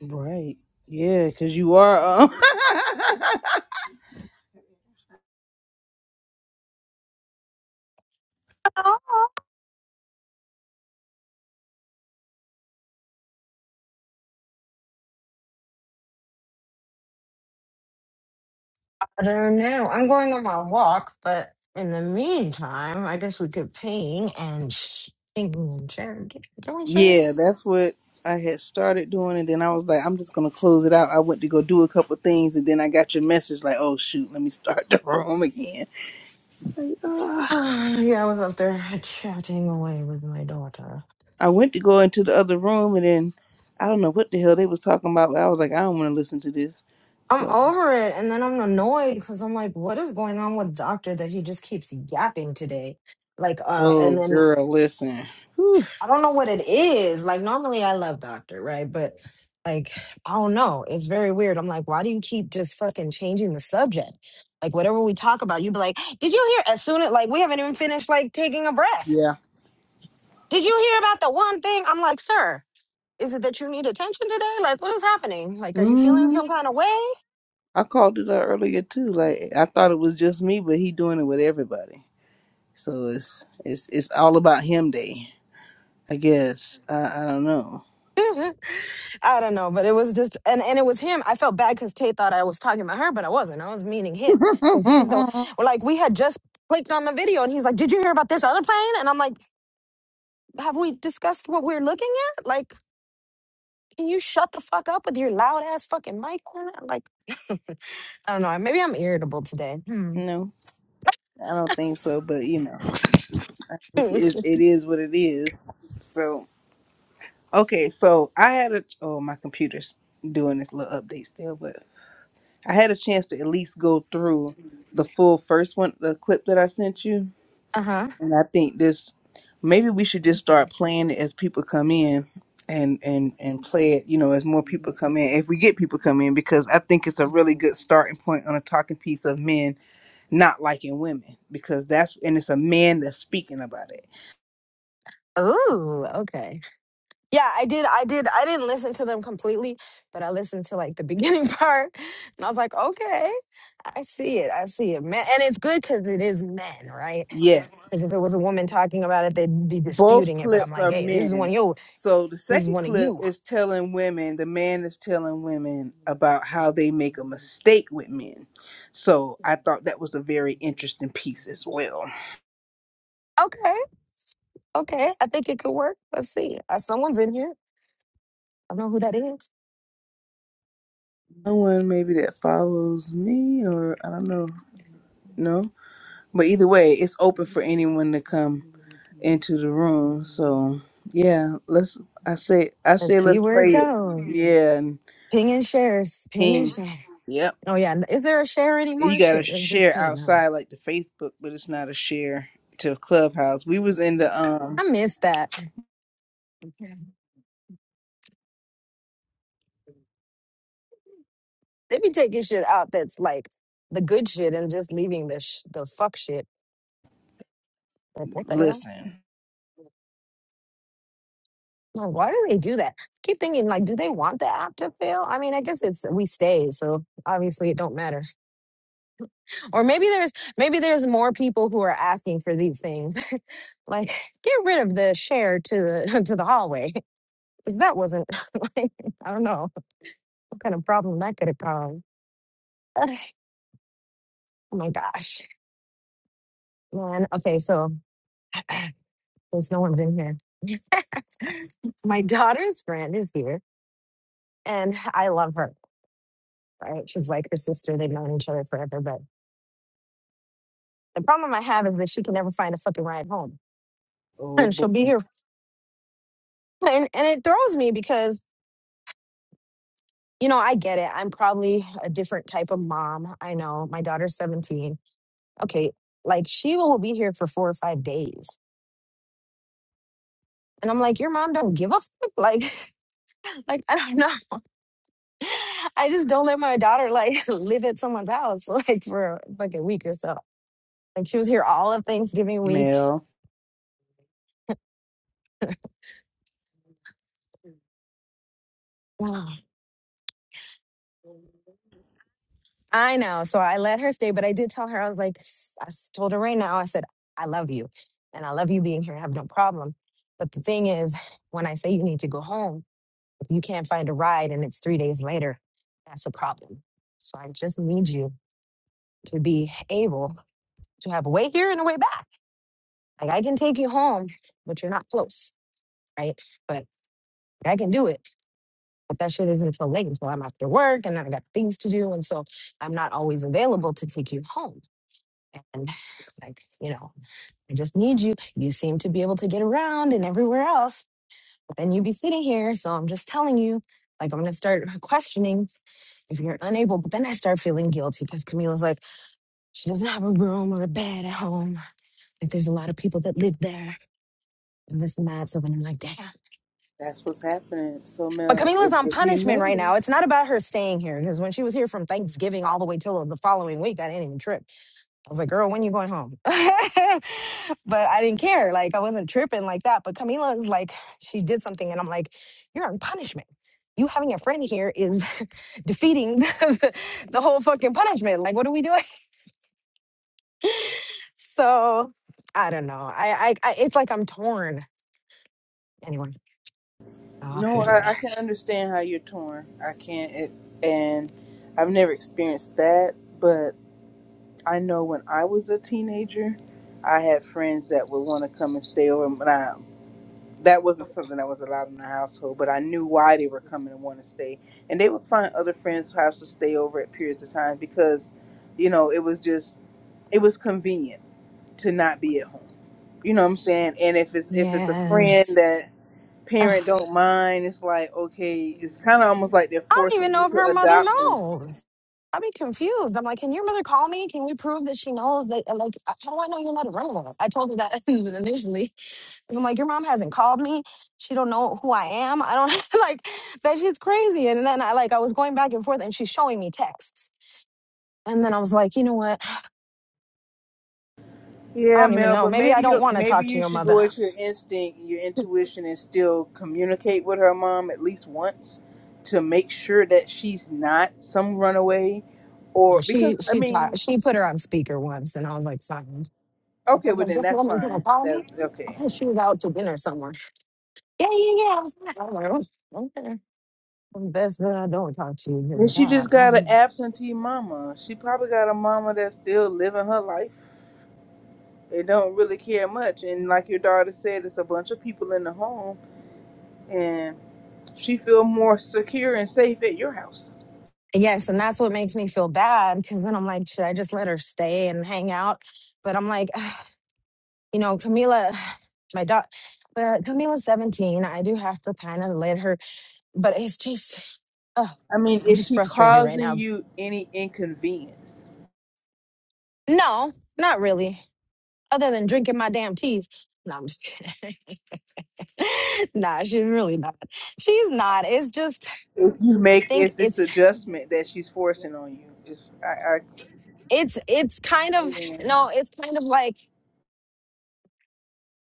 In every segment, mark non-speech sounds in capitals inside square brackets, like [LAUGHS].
Right. Yeah, because you are. Um, Oh, I don't know. I'm going on my walk, but in the meantime, I guess we could ping and sh- ping and share. Can [LAUGHS] we share? [SIGHS] yeah, that's what I had started doing. And then I was like, I'm just going to close it out. I went to go do a couple things. And then I got your message like, oh, shoot, let me start the [LAUGHS] room again. It's like, ah. Ah, yeah, I was up there chatting away with my daughter. I went to go into the other room. And then I don't know what the hell they was talking about. But I was like, I don't want to listen to this. I'm So, over it, and then I'm annoyed because I'm like, what is going on with Doctor that he just keeps yapping today? Like, uh, oh, and then girl, listen. Whew, I don't know what it is. Like normally I love Doctor, right? But like I don't know. It's very weird. I'm like, why do you keep just fucking changing the subject? Like whatever we talk about, you be like, did you hear as soon as like we haven't even finished like taking a breath. yeah. Did you hear about the one thing? I'm like, sir, is it that you need attention today? Like what is happening? Like are you feeling hmm some kind of way? I called it out earlier, too. Like, I thought it was just me, but he doing it with everybody. So it's it's it's all about him day, I guess. I, I don't know. [LAUGHS] I don't know, but it was just and and it was him. I felt bad because Tay thought I was talking about her, but I wasn't. I was meaning him because he's the well, like we had just clicked on the video and he's like, "Did you hear about this other plane?" And I'm like, "Have we discussed what we're looking at? Like, can you shut the fuck up with your loud ass fucking mic on?" I'm Like, I don't know. Maybe I'm irritable today. Hmm. No, I don't think so. But you know, [LAUGHS] uh it, it is what it is. So okay, so I had a oh my computer's doing this little update still, but I had a chance to at least go through the full first one, the clip that I sent you huh. And I think this maybe we should just start playing it as people come in and and and play it, you know, as more people come in. If we get people come in because I think it's a really good starting point on a talking piece of men not liking women because that's and it's a man that's speaking about it. Ooh. Okay. Yeah, I did. I did. I didn't listen to them completely, but I listened to like the beginning [LAUGHS] part, and I was like, okay, I see it. I see it, man. And it's good because it is men, right? Yes. Because if it was a woman talking about it, they'd be Both disputing it. But I'm clips like, are hey, this is one men. of you. So the This is second one of clip you. is telling women, the man is telling women about how they make a mistake with men. So I thought that was a very interesting piece as well. Okay, okay. I think it could work. Let's see. Uh, someone's in here. I don't know who that is. someone maybe that follows me or I don't know. No. But either way, it's open for anyone to come into the room. So yeah, let's I say I Let's say see let's where it play it. goes. Yeah, and Ping and shares. Ping and ping. share. Yep. Oh yeah. Is there a share You anymore? gotta Shit, it's just share ping. Huh? outside like the Facebook, but it's not a share to Clubhouse. We was in the um I miss that. They be taking shit out that's like the good shit and just leaving the sh- the fuck shit. Like what the hell? listen. Like why do they do that? Keep thinking like, do they want the app to fail? I mean, I guess it's we stay, so obviously it don't matter. Or maybe there's maybe there's more people who are asking for these things. [LAUGHS] like get rid of the share to the [LAUGHS] to the hallway [LAUGHS] because that wasn't [LAUGHS] like I don't know what kind of problem that could have caused. [SIGHS] oh my gosh, man. Okay, so [CLEARS THROAT] since no one's in here. my daughter's friend is here and I love her, right? She's like her sister. They've known each other forever. But the problem I have is that she can never find a fucking ride home. [LAUGHS] [CLEARS THROAT] Oh And boy she'll be here. [LAUGHS] And, and it throws me because, you know, I get it. I'm probably a different type of mom. I know my daughter's 17. Okay. Like she will be here for four or five days. And I'm like, your mom don't give a fuck. [LAUGHS] Like, like I don't know. [LAUGHS] I just don't let my daughter like [LAUGHS] live at someone's house [LAUGHS] like for like a week or so. Like she was here all of Thanksgiving week. Mel. Wow. I know. So I let her stay, but I did tell her, I was like, "S- I s- told her right now, I said, I love you and I love you being here. I have no problem. But the thing is, when I say you need to go home, if you can't find a ride and it's three days later, that's a problem. So I just need you to be able to have a way here and a way back. Like I can take you home, but you're not close, right? But I can do it. But that shit isn't until late, until I'm after work and then I got things to do. And so I'm not always available to take you home. And like, you know, I just need you. You seem to be able to get around and everywhere else, but then you be sitting here. So I'm just telling you, like, I'm going to start [LAUGHS] questioning if you're unable. But then I start feeling guilty because Camila's like, she doesn't have a room or a bed at home. Like, there's a lot of people that live there and this and that. So then I'm like, damn. That's what's happening. So But Mel, if, Camila's on if you punishment right now. It's notice not about her staying here because when she was here from Thanksgiving all the way till the following week, I didn't even trip. I was like, "Girl, when you going home?" [LAUGHS] but I didn't care. Like I wasn't tripping like that. But Camila is like, she did something, and I'm like, "You're on punishment. You having a friend here is [LAUGHS] defeating [LAUGHS] the, the whole fucking punishment. Like, what are we doing?" [LAUGHS] So I don't know. I, I, I it's like I'm torn. Anyway, I'll No, figure it I, I out. can understand how you're torn. I can't, it, and I've never experienced that, but I know when I was a teenager, I had friends that would want to come and stay over. But I, that wasn't something that was allowed in the household, but I knew why they were coming and want to stay. And they would find other friends' house to stay over at periods of time because, you know, it was just, it was convenient to not be at home. You know what I'm saying? And if it's if it's a friend Yes. that parent don't mind. It's like okay, I it's kind of almost like they're don't even forcing you know if to her mother adopt them. knows. I'd be confused. I'm like, can your mother call me? Can we prove that she knows that? uh, Like, uh, how do I know you're not a relative? I told her that [LAUGHS] initially. Because I'm like, your mom hasn't called me. She don't know who I am. I don't [LAUGHS] like that. She's crazy. And then I like, I was going back and forth, and she's showing me texts. And then I was like, you know what? I Yeah, don't even Mel, know. but Maybe I maybe don't you want to maybe talk to you your should mother. go at your instinct, your intuition, and still communicate with her mom at least once to make sure that she's not some runaway, or She because I she mean, taught, she put her on speaker once, and I was like, fine. I okay, was well like, then this that's woman's gonna fine. call me. That's I okay. thought she was out to dinner somewhere. Yeah, yeah, yeah. I was there. I was like, oh, okay. Best that I don't talk to you because Then of she that. just got an Um, absentee mama. She probably got a mama that's still living her life. They don't really care much, and like your daughter said, it's a bunch of people in the home and she feel more secure and safe at your house. yes, and that's what makes me feel bad because then I'm like, should I just let her stay and hang out? But I'm like, [SIGHS] you know, Camila, [SIGHS] my daughter, but Camila's 17. I do have to kind of let her, but it's just, oh, I mean, I'm is just she frustrated right causing now. you any inconvenience? No, not really. Other than drinking my damn teas. No, I'm just kidding. [LAUGHS] nah, she's really not. She's not. It's just Is you I make think is this it's adjustment that she's forcing on you? It's I, I it's it's kind of yeah. no, it's kind of like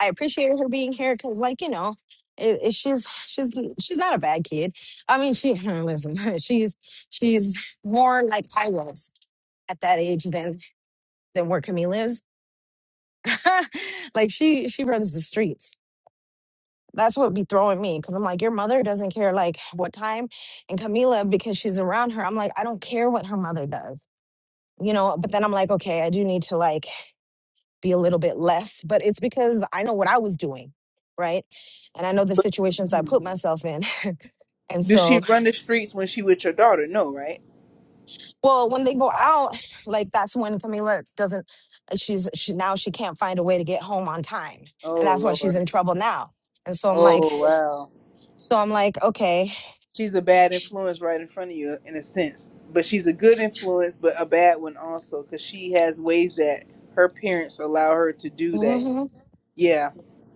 I appreciate her being here because, like you know, it, it, she's she's she's not a bad kid. I mean, she [LAUGHS] listen, [LAUGHS] she's she's more like I was at that age than than where Camila is. [LAUGHS] like she she runs the streets. That's what be throwing me because I'm like, your mother doesn't care like what time, and Camila because she's around her. I'm like, I don't care what her mother does, you know. But then I'm like, okay, I do need to like be a little bit less, but it's because I know what I was doing, right? And I know the but situations I put myself in. [LAUGHS] And does she so, run the streets when she with your daughter? No, right? well, when they go out, like that's when Camila doesn't uh, she's she, now she can't find a way to get home on time. And Oh that's why she's Lord. in trouble now. And so I'm like, Oh wow. so I'm like, okay. She's a bad influence right in front of you in a sense, but she's a good influence, but a bad one also because she has ways that her parents allow her to do that hmm Yeah.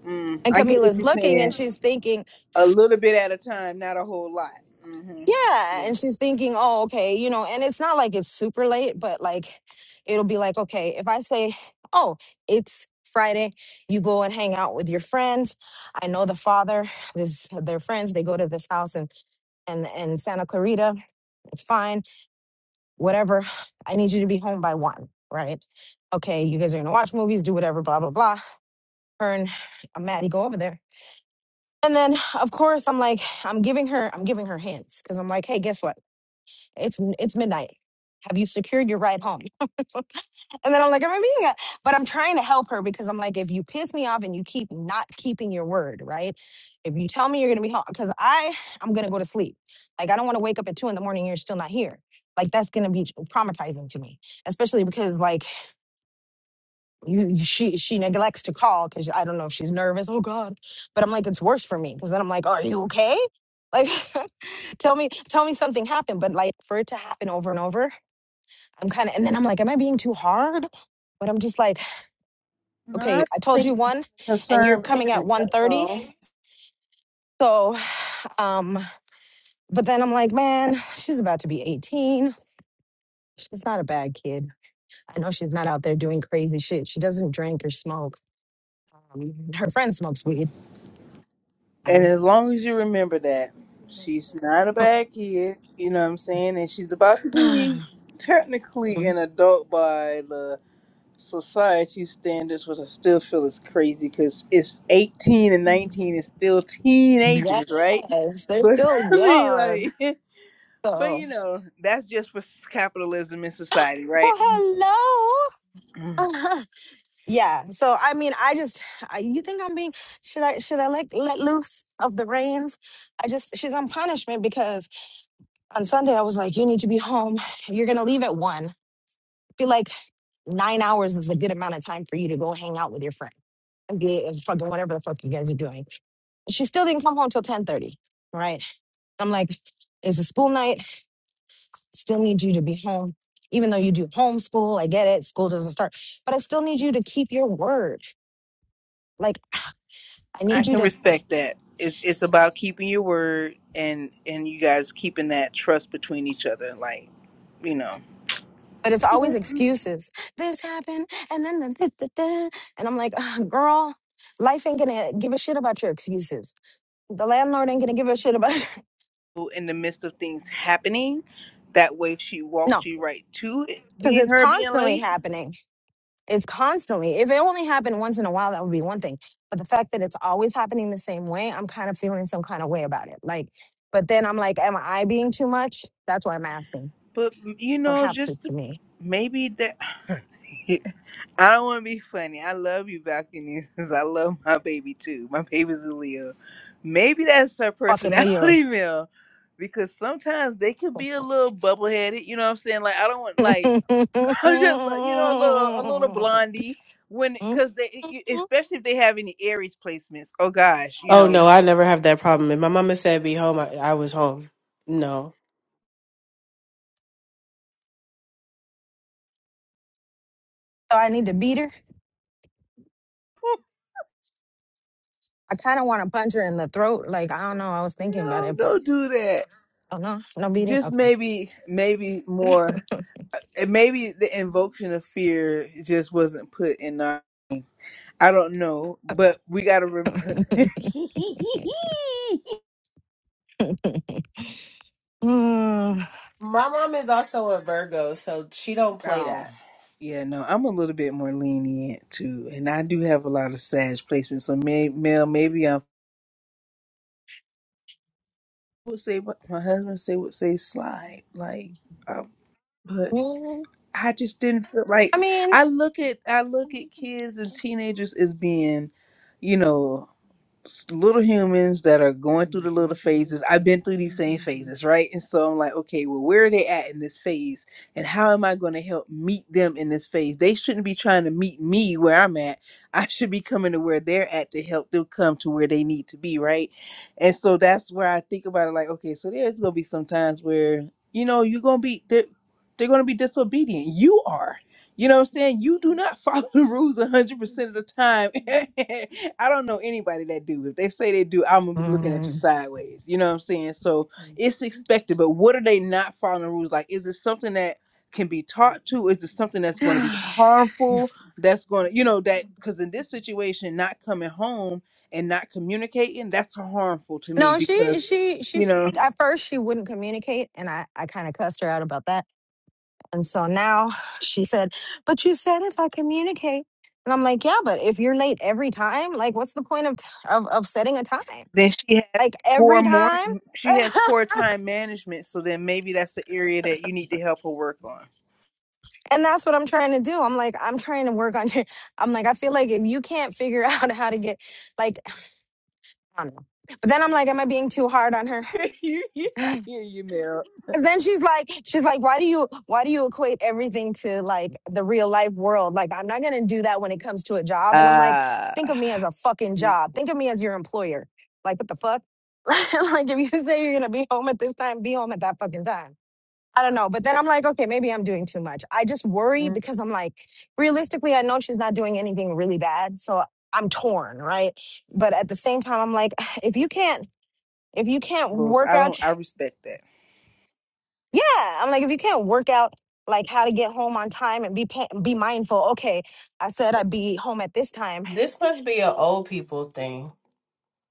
Mm, And I get what Camila's you're looking and saying. she's thinking, A little bit at a time, not a whole lot. hmm Yeah. Yeah. And she's thinking, oh, okay, you know, and it's not like it's super late, but like it'll be like, okay, if I say, oh, it's Friday, you go and hang out with your friends. I know the father, this their friends, they go to this house and and and Santa Clarita, it's fine, whatever. I need you to be home by one, right? Okay, you guys are gonna watch movies, do whatever, blah, blah, blah. Her and uh, Maddie go over there. And then of course I'm like, I'm giving her, I'm giving her hints because I'm like, hey, guess what? It's it's midnight. Have you secured your ride home? And then I'm like, I'm being a, but I'm trying to help her because I'm like, if you piss me off and you keep not keeping your word, right? If you tell me you're gonna be home, because I I'm gonna go to sleep. Like I don't want to wake up at two in the morning and you're still not here. Like that's gonna be traumatizing to me, especially because like you, you- she she neglects to call because I don't know if she's nervous. Oh God, but I'm like it's worse for me because then I'm like, are you okay? Like [LAUGHS] tell me tell me something happened, but like for it to happen over and over I'm kind of, and then I'm like, am I being too hard? But I'm just like, No, I okay, I told think you you're one, a and you're concerned coming at parent. one That's thirty. all. So, um, but then I'm like, man, she's about to be 18. She's not a bad kid. I know she's not out there doing crazy shit. She doesn't drink or smoke. Um, her friend smokes weed. And Um, as long as you remember that, she's not a bad kid. You know what I'm saying? And she's about to [SIGHS] yes, be technically an adult by the society standards, which I still feel is crazy because it's 18 and 19 is still teenagers, right? they're But still [LAUGHS] I mean, young. like. [LAUGHS] But So, you know, that's just for capitalism in society, well, right? hello. [LAUGHS] Yeah. So I mean, I just I, you think I'm being should I should I like let loose of the reins? I just she's on punishment because on Sunday I was like, you need to be home. You're gonna leave at one. Be like nine hours is a good amount of time for you to go hang out with your friend and be and fucking whatever the fuck you guys are doing. She still didn't come home till ten thirty. Right. I'm like, it's a school night. Still need you to be home. Even though you do homeschool, I get it. School doesn't start, but I still need you to keep your word. Like [SIGHS] I I need you can to respect that. It's it's about keeping your word and and you guys keeping that trust between each other, like you know, But it's always excuses. This happened, and then the this, the that. and I'm like, "Ugh, girl, life ain't gonna give a shit about your excuses. The landlord ain't gonna give a shit about in the midst of things happening. That way, she [LAUGHS] no, walked you right to it, because being it's her being constantly late. happening. It's constantly. If it only happened once in a while, that would be one thing. But the fact that it's always happening the same way, I'm kind of feeling some kind of way about it. Like, but then I'm like, am I being too much? That's why I'm asking. But you know, Perhaps just it's to- me. maybe that [LAUGHS] I don't want to be funny. I love you, Balconies. [LAUGHS] I love my baby too. My baby's a Leo. Maybe that's her Fucking personality, [LAUGHS] Leos. Mel. Because sometimes they can be a little bubble headed. You know what I'm saying? Like I don't want like [LAUGHS] I'm just like, you know a little a little blondie when because they e- [LAUGHS] e- especially if they have any Aries placements. Oh gosh, you Oh know. no, I never have that problem. If my mama said be home, I, I was home. No. So I need to beat her. I kind of want to punch her in the throat. Like, I don't know. I was thinking about No, it, but don't do that. oh no, no beating. just Okay. maybe maybe more and maybe the invocation of fear just wasn't put in our i don't know but we gotta remember [LAUGHS] [LAUGHS] Mm. My mom is also a Virgo, so she don't play oh that. yeah no i'm a little bit more lenient too and i do have a lot of sage placement so may, mel maybe i would say what my husband say would say slide like um, but Mm. i just didn't feel I like mean, i look at i look at kids and teenagers as being you know s- little humans that are going through the little phases. I've been through these same phases, right? And so I'm like, okay, well, where are they at in this phase? And how am I going to help meet them in this phase? They shouldn't be trying to meet me where I'm at. [LAUGHS] I should be coming to where they're at to help them come to where they need to be, right? And so that's where I think about it like, okay, so there's going to be some times where, you know, you're going to be, they're, they're going to be disobedient. You are. You know what I'm saying? You do not [LAUGHS] follow the rules 100% of the time. [LAUGHS] I don't know anybody that do. If they say they do, I'm gonna be looking at you mm. sideways. You know what I'm saying? So it's expected, but what are they not following the rules? Like, is it something that can be taught to? Is it something that's going to be [SIGHS] harmful? That's going to, you know, that because in this situation, not coming home and not communicating, that's harmful to me no, she, because, she, you she's know. at first she wouldn't communicate, and I, I kind of cussed her out about that. And so now she said, "But you said if I communicate." And I'm like, yeah, but if you're late every time, like, what's the point of t- of, of setting a time? Then she has like poor every more time. [LAUGHS] she has poor time management, so then maybe that's the area that you need to help her work on. and that's what I'm trying to do. I'm like, I'm trying to work on your. I'm like, I feel like if you can't figure [LAUGHS] out how to get, like, I don't know. But then I'm like, am I being too hard on her? [LAUGHS] you, you, I hear you, Because then she's like, she's like, why do you, why do you equate everything to like the real life world? Like, I'm not gonna do that when it comes to a job. Mel. And I'm like, Uh think of me as a fucking job. Think of me as your employer. Like, what the fuck? [LAUGHS] like, if you say you're gonna be home at this time, be home at that fucking time. I don't know. But then I'm like, okay, maybe I'm doing too much. I just worry because I'm like, realistically, I know she's not doing anything really bad. So I'm torn, right? But at the same time, I'm like, [SIGHS] if you can't, if you [SIGHS] can't levels. work I don't out, I respect that. [LAUGHS] yeah, I'm like, if you can't work out like how to get home on time and be pa- be mindful. Okay, I said I'd be home at this time. This must be an old people thing.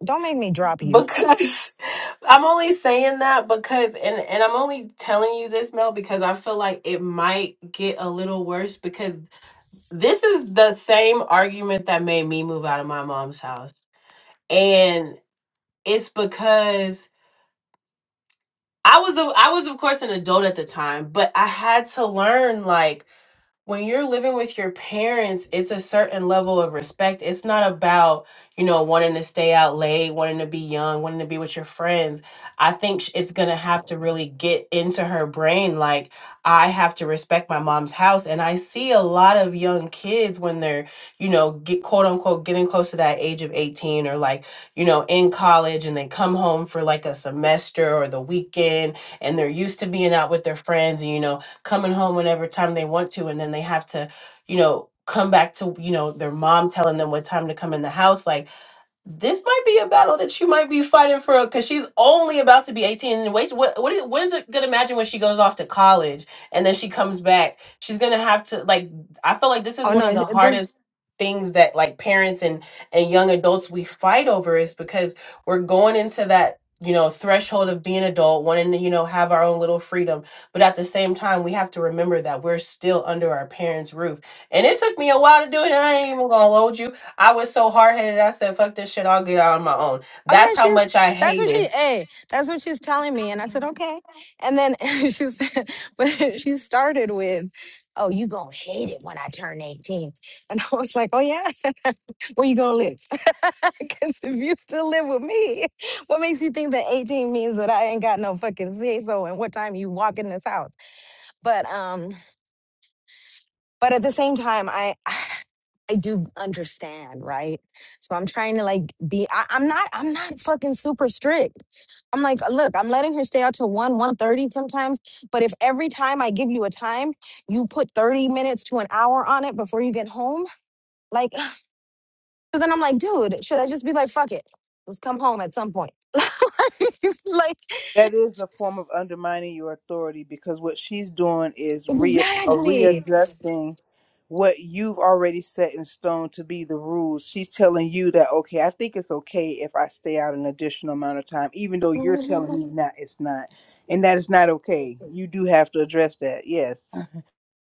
Don't make me drop you. Because [LAUGHS] I'm only saying that because and and I'm only telling you this Mel because I feel like it might get a little worse because this is the same argument that made me move out of my mom's house. And it's because I was a, I was of course an adult at the time, but I had to learn like when you're living with your parents, it's a certain level of respect. It's not about, you know, wanting to stay out late, wanting to be young, wanting to be with your friends. I think sh- it's going to have to really get into her brain. Like, I have to respect my mom's house. And I see a lot of young kids when they're, you know, get quote unquote getting close to that age of 18 or like, you know, in college and they come home for like a semester or the weekend and they're used to being out with their friends and, you know, coming home whenever time they want to and then they have to you know come back to you know their mom telling them what time to come in the house like this might be a battle that you might be fighting for because she's only about to be 18 and wait what what is, what is it gonna imagine when she goes off to college and then she comes back she's gonna have to like i feel like this is Oh one of no, the this hardest things that like parents and and young adults we fight over is because we're going into that you know threshold of being adult wanting to you know have our own little freedom but at the same time we have to remember that we're still under our parents roof and it took me a while to do it i ain't even gonna hold you I was so hard headed. I said, "Fuck this shit. I'll get out on my own." oh yeah, That's how she's much I that's what she hated. hey, that's what she's telling me. And I said, okay. And then [LAUGHS] she said, but [LAUGHS] she started with, Oh, you gonna hate it when I turn 18." And I was like, Oh yeah, [LAUGHS] where you gonna live? [LAUGHS] Because if you still live with me, what makes you think that 18 means that I ain't got no fucking say so and what time you walk in this house? But um but at the same time i [SIGHS] i do understand right so i'm trying to like be I, i'm not i'm not fucking super strict i'm like look i'm letting her stay out till 1 one thirty sometimes but if every time i give you a time you put 30 minutes to an hour on it before you get home like [SIGHS] so then i'm like dude should i just be like fuck it let's come home at some point [LAUGHS] like like That is a form of undermining your authority because what she's doing is re- uh, exactly readjusting what you've already set in stone to be the rules. She's telling you that, okay, I think it's okay if I stay out an additional amount of time, even though you're telling me [LAUGHS] not, it's not. And that is not okay. You do have to address that. Yes.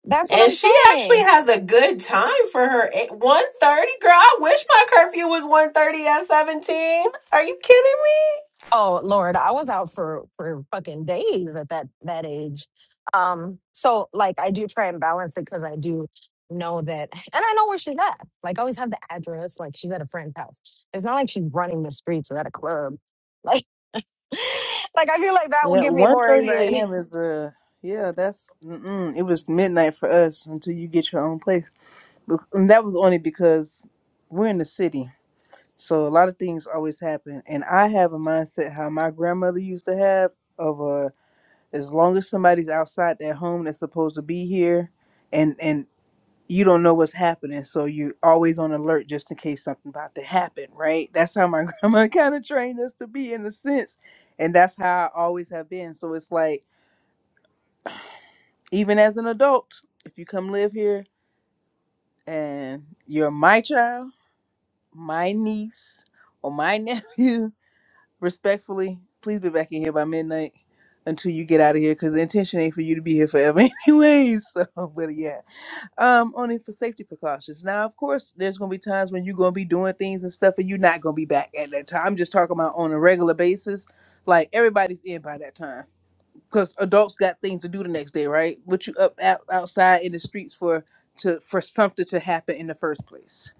that's what And i'm she saying actually has a good time for her one thirty. Girl, I wish my curfew was one thirty at seventeen. Are you kidding me? Oh Lord, I was out for for fucking days at that that age. Um, so like I do try and balance it because I do know that, and I know where she's at. Like I always have the address. Like she's at a friend's house. It's not like she's running the streets or at a club. Like, [LAUGHS] like I feel like that will Yeah, give me one more thirty anxiety. a.m. is a, yeah, that's, mm-mm, it was midnight for us until you get your own place. Bec- And that was only because we're in the city. So a lot of things always happen, and I have a mindset how my grandmother used to have of uh, as long as somebody's outside their home that's supposed to be here, and and you don't know what's happening, so you're always on alert just in case something about to happen, right? That's how my [LAUGHS] grandma kind of trained us to be in a sense, and that's how I always have been. So it's like even as an adult, if you come live here and you're my child, my niece, or my [LAUGHS] nephew respectfully, please be back in here by midnight until you get out of here because the intention ain't for you to be here forever [LAUGHS] anyways. So, but yeah, um, only for safety precautions. Now, of course, there's gonna be times when you're gonna be doing things and stuff and you're not gonna be back at that time. I'm just talking about on a regular basis. Like everybody's in by that time because adults got things to do the next day, right? What you up out, outside in the streets for to for something to happen in the first place.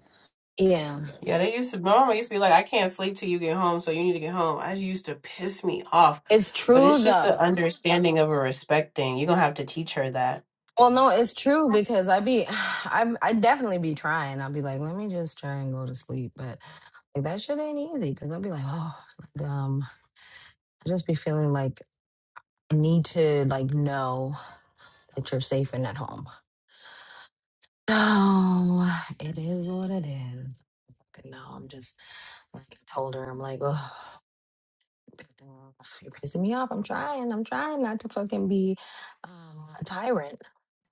Yeah, Yeah, they used to. My mama used to be like, "I can't sleep till you get home, so you need to get home." I used to piss me off. it's But true it's just the though. understanding of a respect thing. You're gonna have to teach her that. Well, no, it's true because I be, [SIGHS] I I definitely be trying. I'll be like, let me just try and go to sleep, but like, that shit ain't easy because I'll be like, oh, um. I just be feeling like I need to like know that you're safe and at home. So it is what it is. Fucking No, I'm just like I told her. I'm like, oh, you're pissing me off. I'm trying. I'm trying not to fucking be um, a tyrant.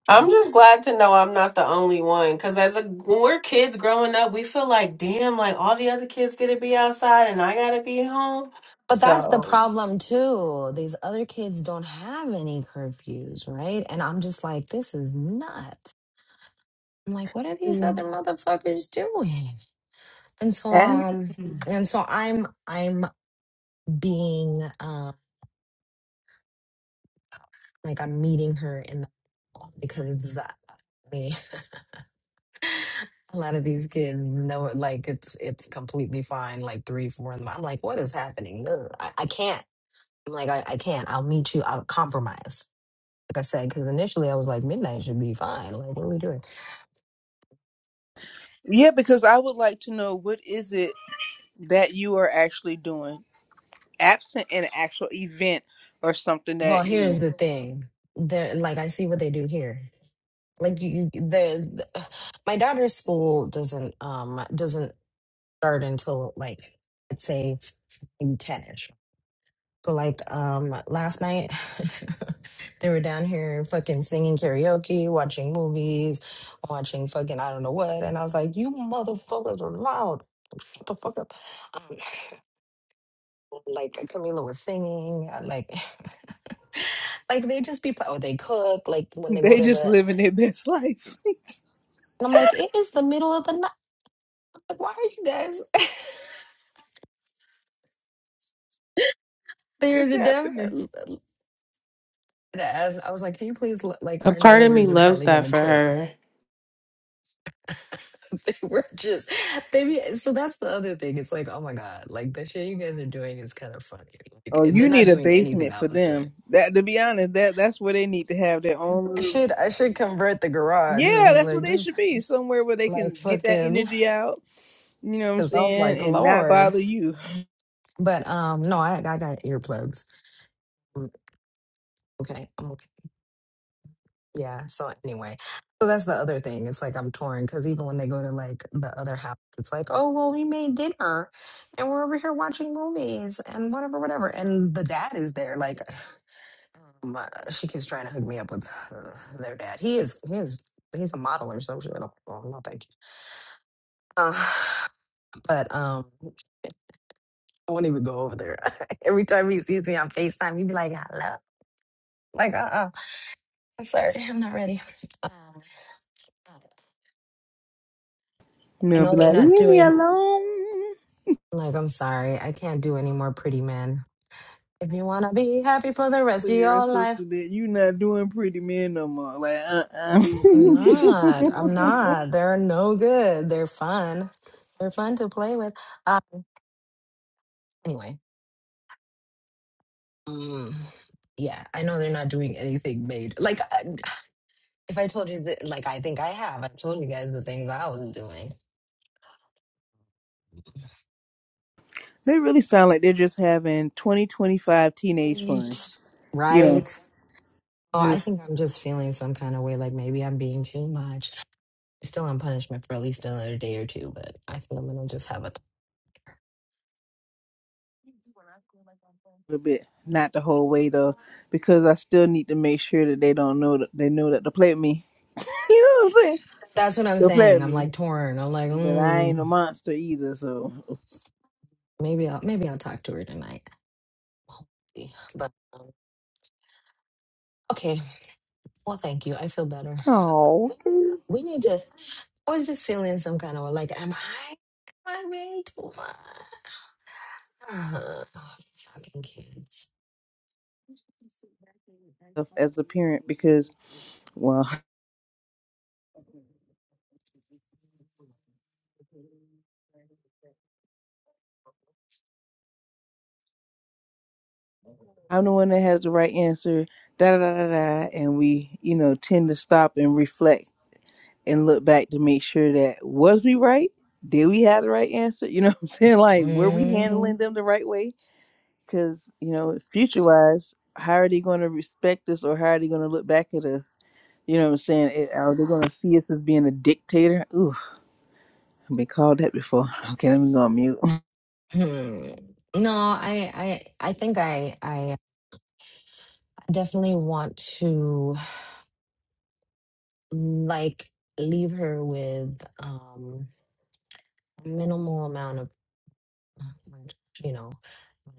I'm But, just glad to know I'm not the only one. Cause as a when we're kids growing up, we feel like, damn, like all the other kids get to be outside and I gotta be home. but that's the So problem too. These other kids don't have any curfews, right? And I'm just like, this is nuts. I'm like, what are these other motherfuckers doing? And so, um, and so I'm I'm being um like I'm meeting her in the mall because I mean, [LAUGHS] a lot of these kids know it like it's it's completely fine like three four in the morning. I'm like what is happening Ugh, I, I can't I'm like I, I can't I'll meet you I'll compromise like I said because initially I was like midnight should be fine like what are we doing Yeah, because I would like to know what is it that you are actually doing absent in an actual event or something well that you know here's the thing there like I see what they do here like you, you the, my daughter's school doesn't um doesn't start until like let's say 10 So like um last night [LAUGHS] they were down here fucking singing karaoke, watching movies, watching fucking I don't know what. And I was like, You motherfuckers are loud. Shut the fuck up. Um, [LAUGHS] like Camila was singing, uh, like [LAUGHS] like they just be pl- oh they cook, like when [LAUGHS] they go they to just the living their best life. and I'm like, it is the middle of the night. Like, why are you guys [LAUGHS] [LAUGHS] They're it's the death? happening. As I was like, can you please let- like a our part of me neighbors are loves probably that gonna for trip. her. [LAUGHS] They were just they be, so that's the other thing. It's like, oh my God, like the shit you guys are doing is kind of funny. Oh, Like they're you not need a doing anything basement I for was doing. them. That to be honest, that that's where they need to have their own. I little- should I should convert the garage Yeah, and be that's where like they just should be. Somewhere where they like can get that fucking energy out. You know what I'm because I was like, saying, and not Lord. bother you. But um no, I I got earplugs. I'm okay, I'm okay. Yeah. So anyway. So that's the other thing. It's like I'm torn because even when they go to like the other house, it's like, oh well, we made dinner and we're over here watching movies and whatever, whatever. And the dad is there, like my, she keeps trying to hook me up with uh, their dad. He is he is he's a model or something. I don't, well, no, thank you. Uh, but um, I won't even go over there. [LAUGHS] Every time he sees me on Facetime, he'd be like, "Hello," like, "Uh, uh I'm sorry, I'm not ready." Um, You I know, be know they're like, not leave me doing. alone. Like, I'm sorry, I can't do any more pretty men. If you wanna be happy for the rest of You're a your life, something that you're not doing pretty man no more. Like, uh, I'm not. I'm uh [LAUGHS] not. They're no good. They're fun. They're fun to play with. Uh, anyway. Um, yeah, I know they're not doing anything made. Like, I- if I told you that, like, I think I have. I've told you guys the things I was doing. They really sound like they're just having 2025 teenage fun. Right. You know, Right. Oh, I just think I'm just feeling some kind of way. Like, maybe I'm being too much. I'm still on punishment for at least another day or two, but I think I'm gonna just have a. a little bit, not the whole way though, because I still need to make sure that they don't know that they know that they play at me. [LAUGHS] you know what I'm saying? That's what I'm They'll play saying. at I'm me, like torn. I'm like, but I ain't mm, a monster either. So, maybe I'll maybe I'll talk to her tonight. We'll see. But um, Okay. Well, thank you. I feel better. oh, We need to. I was just feeling some kind of like, am I? Am I being too much? Oh, fucking kids. as a parent, because well, [LAUGHS] I'm the one that has the right answer. Da da da da, da, and we, you know, tend to stop and reflect and look back to make sure that was we right? Did we have the right answer? You know what I'm saying? [LAUGHS] Like, were we Mm-hmm. handling them the right way? Because, you know, future wise, how are they going to respect us or how are they going to look back at us? You know what I'm saying? It- are they going to see us as being a dictator? Ooh, I've been called that before. [LAUGHS] Okay, let me go on mute. hmm No, I, I, I think I, I definitely want to. like leave her with um minimal amount of [SIGHS] you know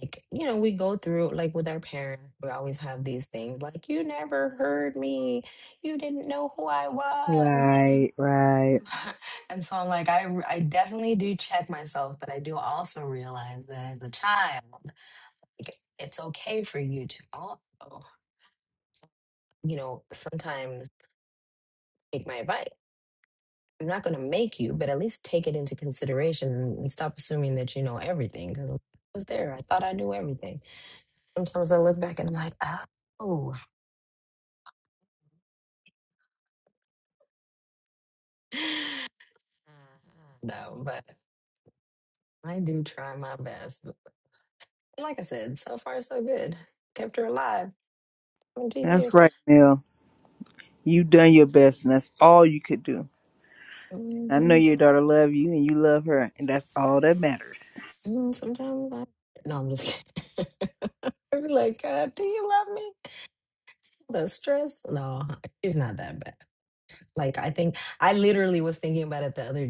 like you know we go through like with our parents we always have these things like you never heard me you didn't know who i [LAUGHS] was right, right. [LAUGHS] and so i'm like i r- i definitely do check myself but i do also realize that as a child like, it's okay for you to also you know sometimes take my advice I'm not going to make you, but at least take it into consideration and stop assuming that you know everything. Because I was there, I thought I knew everything. Sometimes I look back and I'm like, oh, [SIGHS] no, but I do try my best. But like I said, so far so good. Kept her alive 17 That's years. right, Mel. you done your best and that's all you could do. I know hmm your daughter love you and you love her and that's all that matters. Sometimes I. [LAUGHS] No, I'm just kidding. [LAUGHS] I'd be like, God, do you love me? The stress? No, it's not that bad. Like I think I literally was thinking about it the other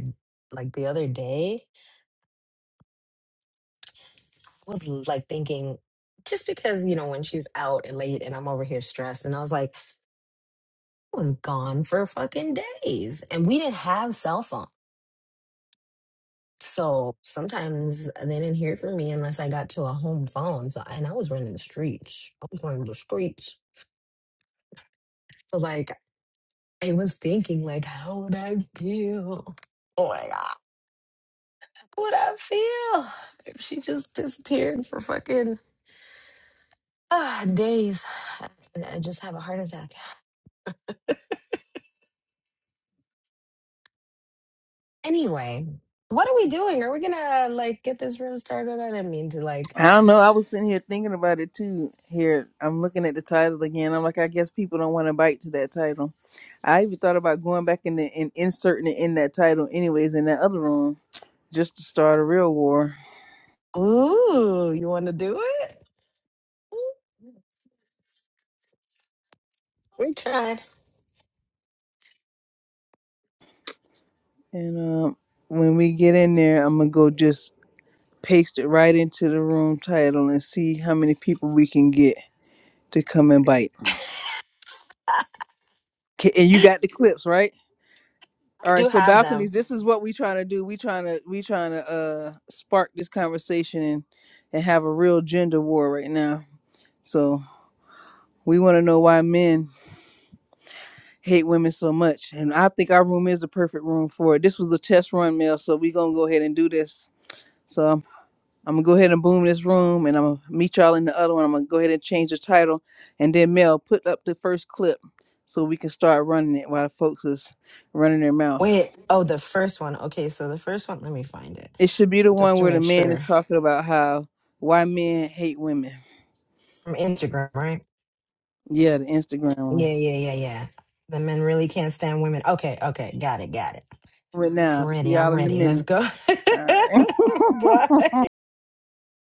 like the other day. I was like thinking just because, you know, when she's out and late and I'm over here stressed and I was like, I was gone for fucking days and we didn't have cell phone. So sometimes they didn't hear from me unless I got to a home phone. So and I was running the streets. I was running the streets. So like I was thinking like how would I feel? Oh my god. How would I feel? if she just disappeared for fucking Ah, days. And I just have a heart attack. Anyway, what are we doing? Are we gonna like get this room started? I didn't mean to like. I don't know. I was sitting here thinking about it too. Here, I'm looking at the title again. I'm like, I guess people don't want to bite to that title. I even thought about going back in the, and inserting it in that title, anyways, in that other room, just to start a real war. Ooh, you want to do it? Ooh, We tried. And um, when we get in there, I'm gonna go just paste it right into the room title and see how many people we can get to come and bite. [LAUGHS] I K- And you got the clips, right? All right, do so have balconies. them. This is what we trying to do. We trying to we trying to uh spark this conversation and and have a real gender war right now. So we want to know why men hate women so much, and I think our room is the perfect room for it. This was a test run, Mel, so we gonna go ahead and do this. So I'm, I'm gonna go ahead and boom this room, and I'm gonna meet y'all in the other one. I'm gonna go ahead and change the title, and then Mel put up the first clip so we can start running it while the folks is running their mouth. Wait. Oh, the first one. Okay, so the first one. Let me find it It should be the just one to where the make man sure. is talking about how why men hate women. From Instagram, right? Yeah, the Instagram Yeah, one. yeah, yeah, yeah. The men really can't stand women. Okay, okay, got it, got it. Right now. I'm See ready. y'all I'm in a ready. Let's minute. go. All [LAUGHS] right. [LAUGHS] Bye.